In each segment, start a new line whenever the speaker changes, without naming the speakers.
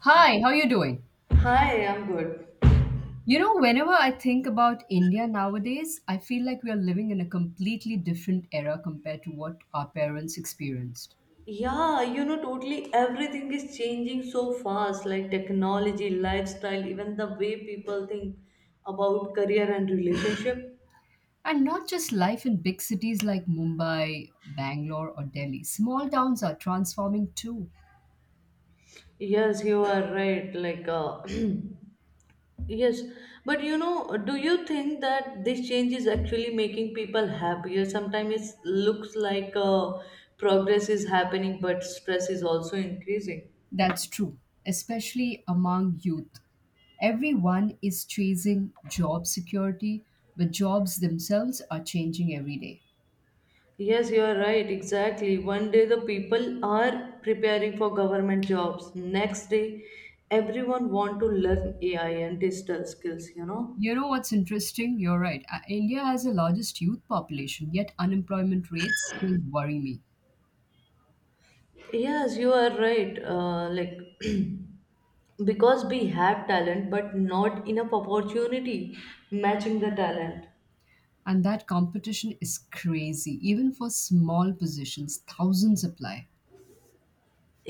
Hi, how you doing?
Hi, I'm good.
You know, whenever I think about India nowadays, I feel like we are living in a completely different era compared to what our parents experienced.
Yeah, you know, totally everything is changing so fast, like technology, lifestyle, even the way people think about career and relationship.
And not just life in big cities like Mumbai, Bangalore, or Delhi. Small towns are transforming too.
Yes, you are right. Yes, but you know, do you think that this change is actually making people happier? Sometimes it looks like progress is happening, but stress is also increasing.
That's true, especially among youth. Everyone is chasing job security, but jobs themselves are changing every day.
Yes, you are right, exactly. One day the people are preparing for government jobs. Next day, everyone want to learn AI and digital skills, you know?
You know what's interesting? You're right. India has the largest youth population, yet unemployment rates still worry me.
Yes, you are right. Like because we have talent but not enough opportunity matching the talent.
And that competition is crazy. Even for small positions, thousands apply.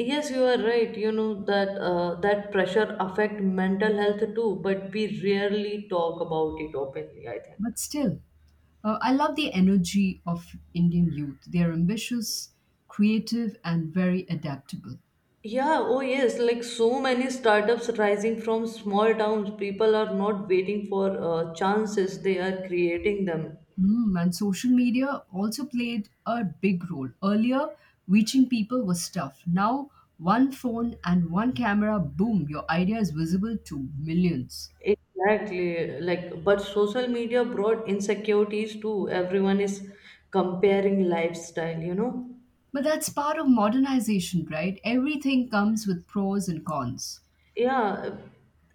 Yes, you are right. You know that that pressure affect mental health too, but we rarely talk about it openly, I think.
But still, I love the energy of Indian youth. They're ambitious, creative, and very adaptable.
Yeah, oh yes, like so many startups rising from small towns, people are not waiting for chances, they are creating them.
Mm, and social media also played a big role. Earlier, reaching people was tough. Now, one phone and one camera, boom, your idea is visible to millions.
Exactly, like, but social media brought insecurities too. Everyone is comparing lifestyle, you know?
But that's part of modernization, right? Everything comes with pros and cons.
Yeah,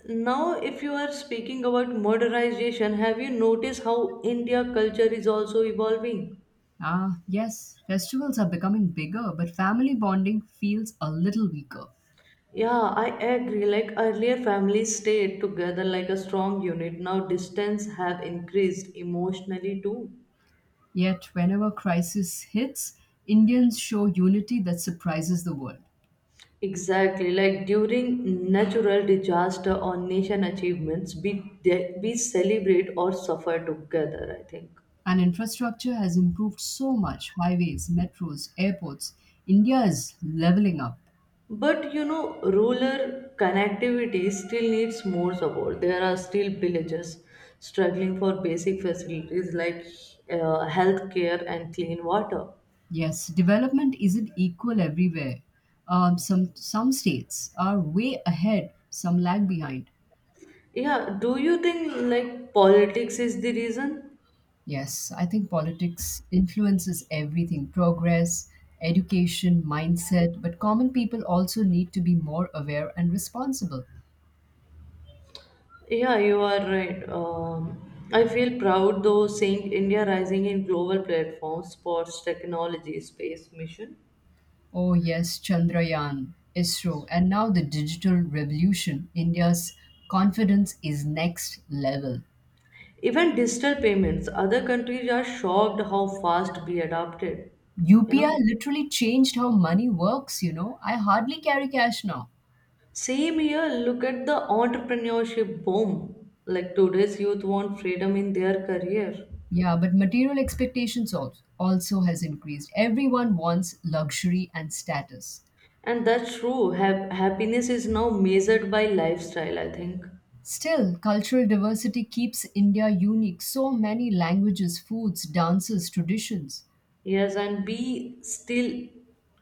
now if you are speaking about modernization, have you noticed how India culture is also evolving?
Ah, yes, festivals are becoming bigger, but family bonding feels a little weaker.
Yeah, I agree. Like earlier, families stayed together like a strong unit. Now, distance have increased emotionally too.
Yet, whenever crisis hits, Indians show unity that surprises the world.
Exactly. Like during natural disaster or nation achievements, we celebrate or suffer together, I think.
And infrastructure has improved so much highways, metros, airports. India is leveling up.
But you know, rural connectivity still needs more support. There are still villages struggling for basic facilities like healthcare and clean water.
Yes, development isn't equal everywhere. Some states are way ahead, some lag behind.
Yeah, do you think like politics is the reason?
Yes, I think politics influences everything progress, education, mindset, but common people also need to be more aware and responsible.
Yeah, you are right. I feel proud though seeing India rising in global platforms, sports, technology, space mission,
Oh, yes, Chandrayaan, ISRO, and now the digital revolution. India's confidence is next level.
even digital payments. Other countries are shocked how fast we adapted. You
UPI
know,
literally changed how money works, you know. I hardly carry cash now.
same here. Look at the entrepreneurship boom. Like today's youth want freedom in their career,
Yeah, but material expectations also has increased. Everyone wants luxury and status.
and that's true. Happiness is now measured by lifestyle, I think.
Still, cultural diversity keeps India unique. So many languages, foods, dances, traditions.
Yes, and we still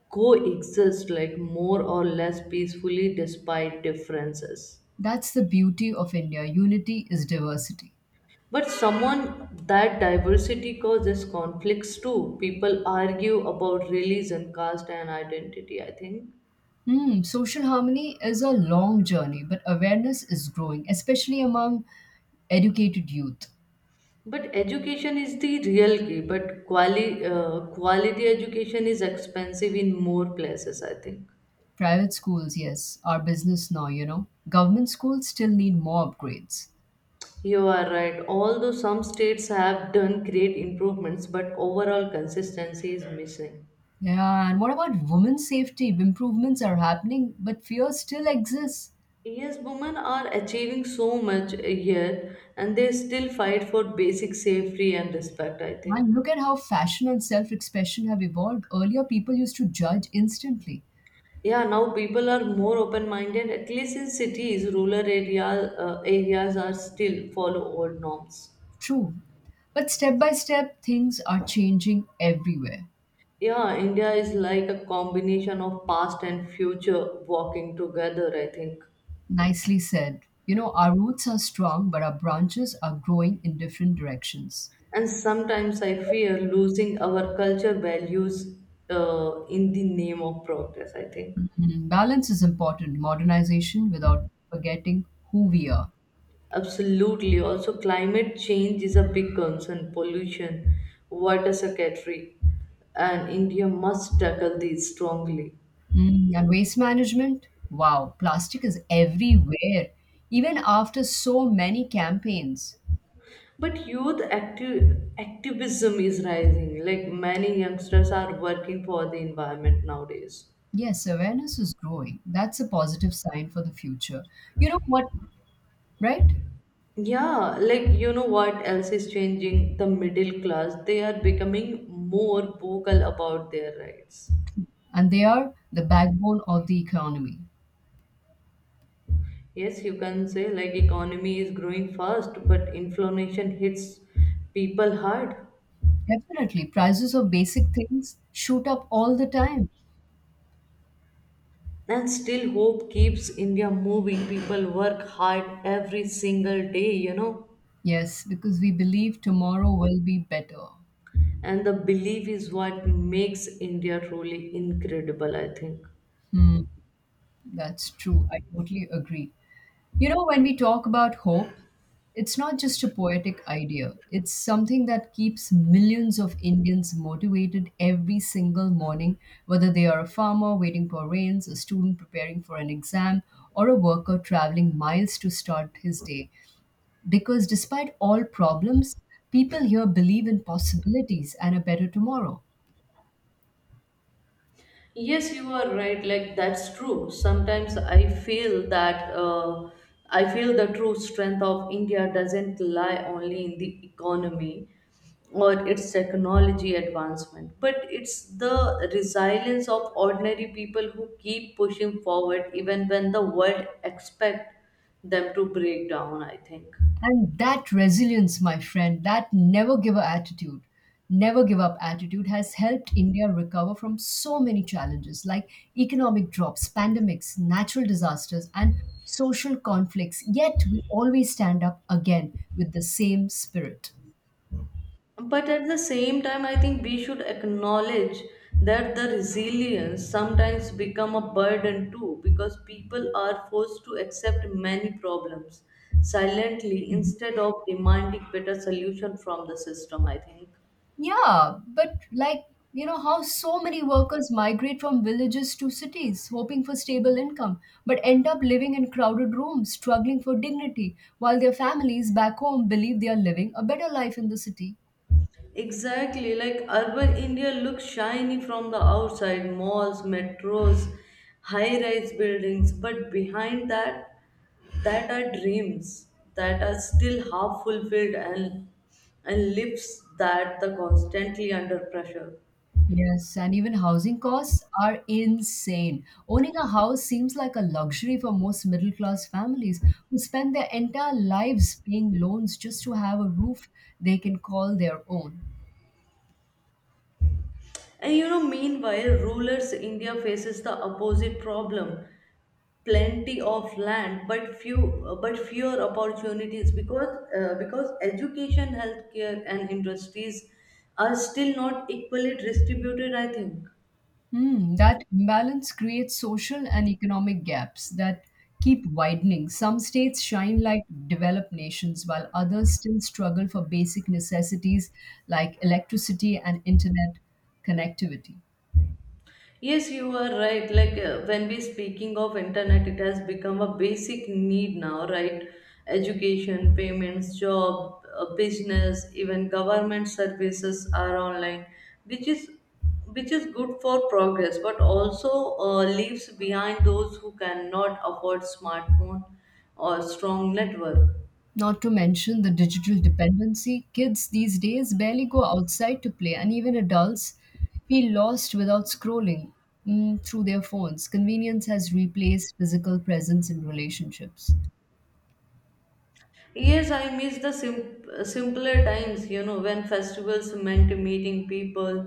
coexist like more or less peacefully despite differences.
That's the beauty of India. Unity is diversity.
But someone that diversity causes conflicts too. People argue about religion, caste, and identity, I think.
Hmm, social harmony is a long journey, but awareness is growing, especially among educated youth.
But education is the real key, but quality education is expensive in more places, I think.
Private schools, yes, are business now, you know. Government schools still need more upgrades.
You are right. Although some states have done great improvements, but overall consistency is missing.
Yeah, and what about women's safety? Improvements are happening, but fear still exists.
Yes, women are achieving so much here and they still fight for basic safety and respect, I think.
And look at how fashion and self expression have evolved. Earlier, people used to judge instantly.
Yeah, now people are more open-minded, at least in cities, areas are still follow old norms.
True. But step by step, things are changing everywhere.
Yeah, India is like a combination of past and future walking together, I think.
Nicely said. You know, our roots are strong, but our branches are growing in different directions.
And sometimes I fear losing our culture values in the name of progress, I think.
Mm, balance is important, modernization without forgetting who we are.
Absolutely. Also, climate change is a big concern. Pollution, water scarcity, and India must tackle these strongly.
Mm, and waste management, wow, plastic is everywhere, even after so many campaigns.
But activism is rising. Like many youngsters are working for the environment nowadays.
Yes, awareness is growing. That's a positive sign for the future. You know what, right?
Yeah, like you know what else is changing? The middle class. They are becoming more vocal about their rights.
And they are the backbone of the economy.
Yes, you can say like economy is growing fast, but inflation hits people hard.
Definitely, prices of basic things shoot up all the time.
And still hope keeps India moving. People work hard every single day, you know.
Yes, because we believe tomorrow will be better.
And the belief is what makes India truly incredible, I think.
Hmm, that's true. I totally agree. You know, when we talk about hope, it's not just a poetic idea, it's something that keeps millions of Indians motivated every single morning, whether they are a farmer waiting for rains, a student preparing for an exam, or a worker traveling miles to start his day. Because despite all problems, people here believe in possibilities and a better tomorrow.
Yes, you are right. Like that's true. Sometimes I feel that I feel the true strength of India doesn't lie only in the economy or its technology advancement, but it's the resilience of ordinary people who keep pushing forward even when the world expect them to break down, I think.
And that resilience, my friend, that never give up attitude has helped India recover from so many challenges like economic drops, pandemics, natural disasters, and social conflicts. Yet we always stand up again with the same spirit.
But at the same time, I think we should acknowledge that the resilience sometimes become a burden too because people are forced to accept many problems silently
Mm-hmm.
instead of demanding better solution from the system, I think.
Yeah, but like, you know, how so many workers migrate from villages to cities, hoping for stable income, but end up living in crowded rooms, struggling for dignity, while their families back home believe they are living a better life in the city.
Exactly, like urban India looks shiny from the outside malls, metros, high rise buildings, but behind that, that are dreams that are still half fulfilled and lives that the constantly under pressure.
Yes, and even housing costs are insane. Owning a house seems like a luxury for most middle class families who spend their entire lives paying loans just to have a roof they can call their own.
And you know, meanwhile, rulers India faces the opposite problem plenty of land but few but fewer opportunities because education healthcare and industries are still not equally distributed, I think.
Hmm, that imbalance creates social and economic gaps that keep widening. Some states shine like developed nations, while others still struggle for basic necessities like electricity and internet connectivity.
Yes, you are right. When we speaking of internet, it has become a basic need now, right? Education, payments, business, even government services are online, which is which is good for progress, but also leaves behind those who cannot afford smartphone or strong network.
Not to mention the digital dependency. Kids these days barely go outside to play, and even adults feel lost without through their phones. Convenience has replaced physical presence in relationships.
Yes, I miss the simpler times, you know, when festivals meant meeting people,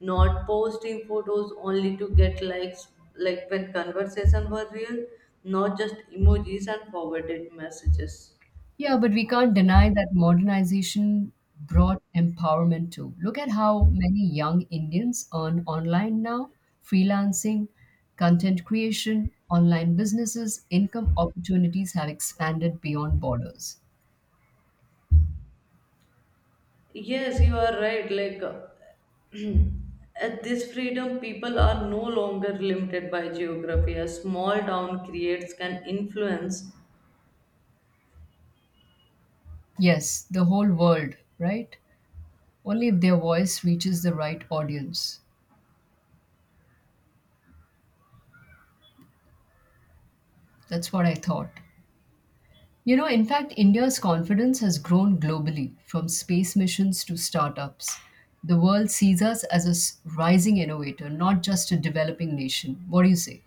not posting photos only to get likes, like when conversation were real, not just emojis and forwarded messages.
Yeah, but we can't deny that modernization brought empowerment too. Look at how many young Indians earn online now, freelancing, content creation, online businesses, income opportunities have expanded beyond borders.
Yes, you are right. At this freedom, people are no longer limited by geography. A small town creates can influence
Yes, the whole world, right? Only if their voice reaches the right audience. That's what I thought. You know, in fact, India's confidence has grown globally from space missions to startups. The world sees us as rising innovator, not just a developing nation. What do you say?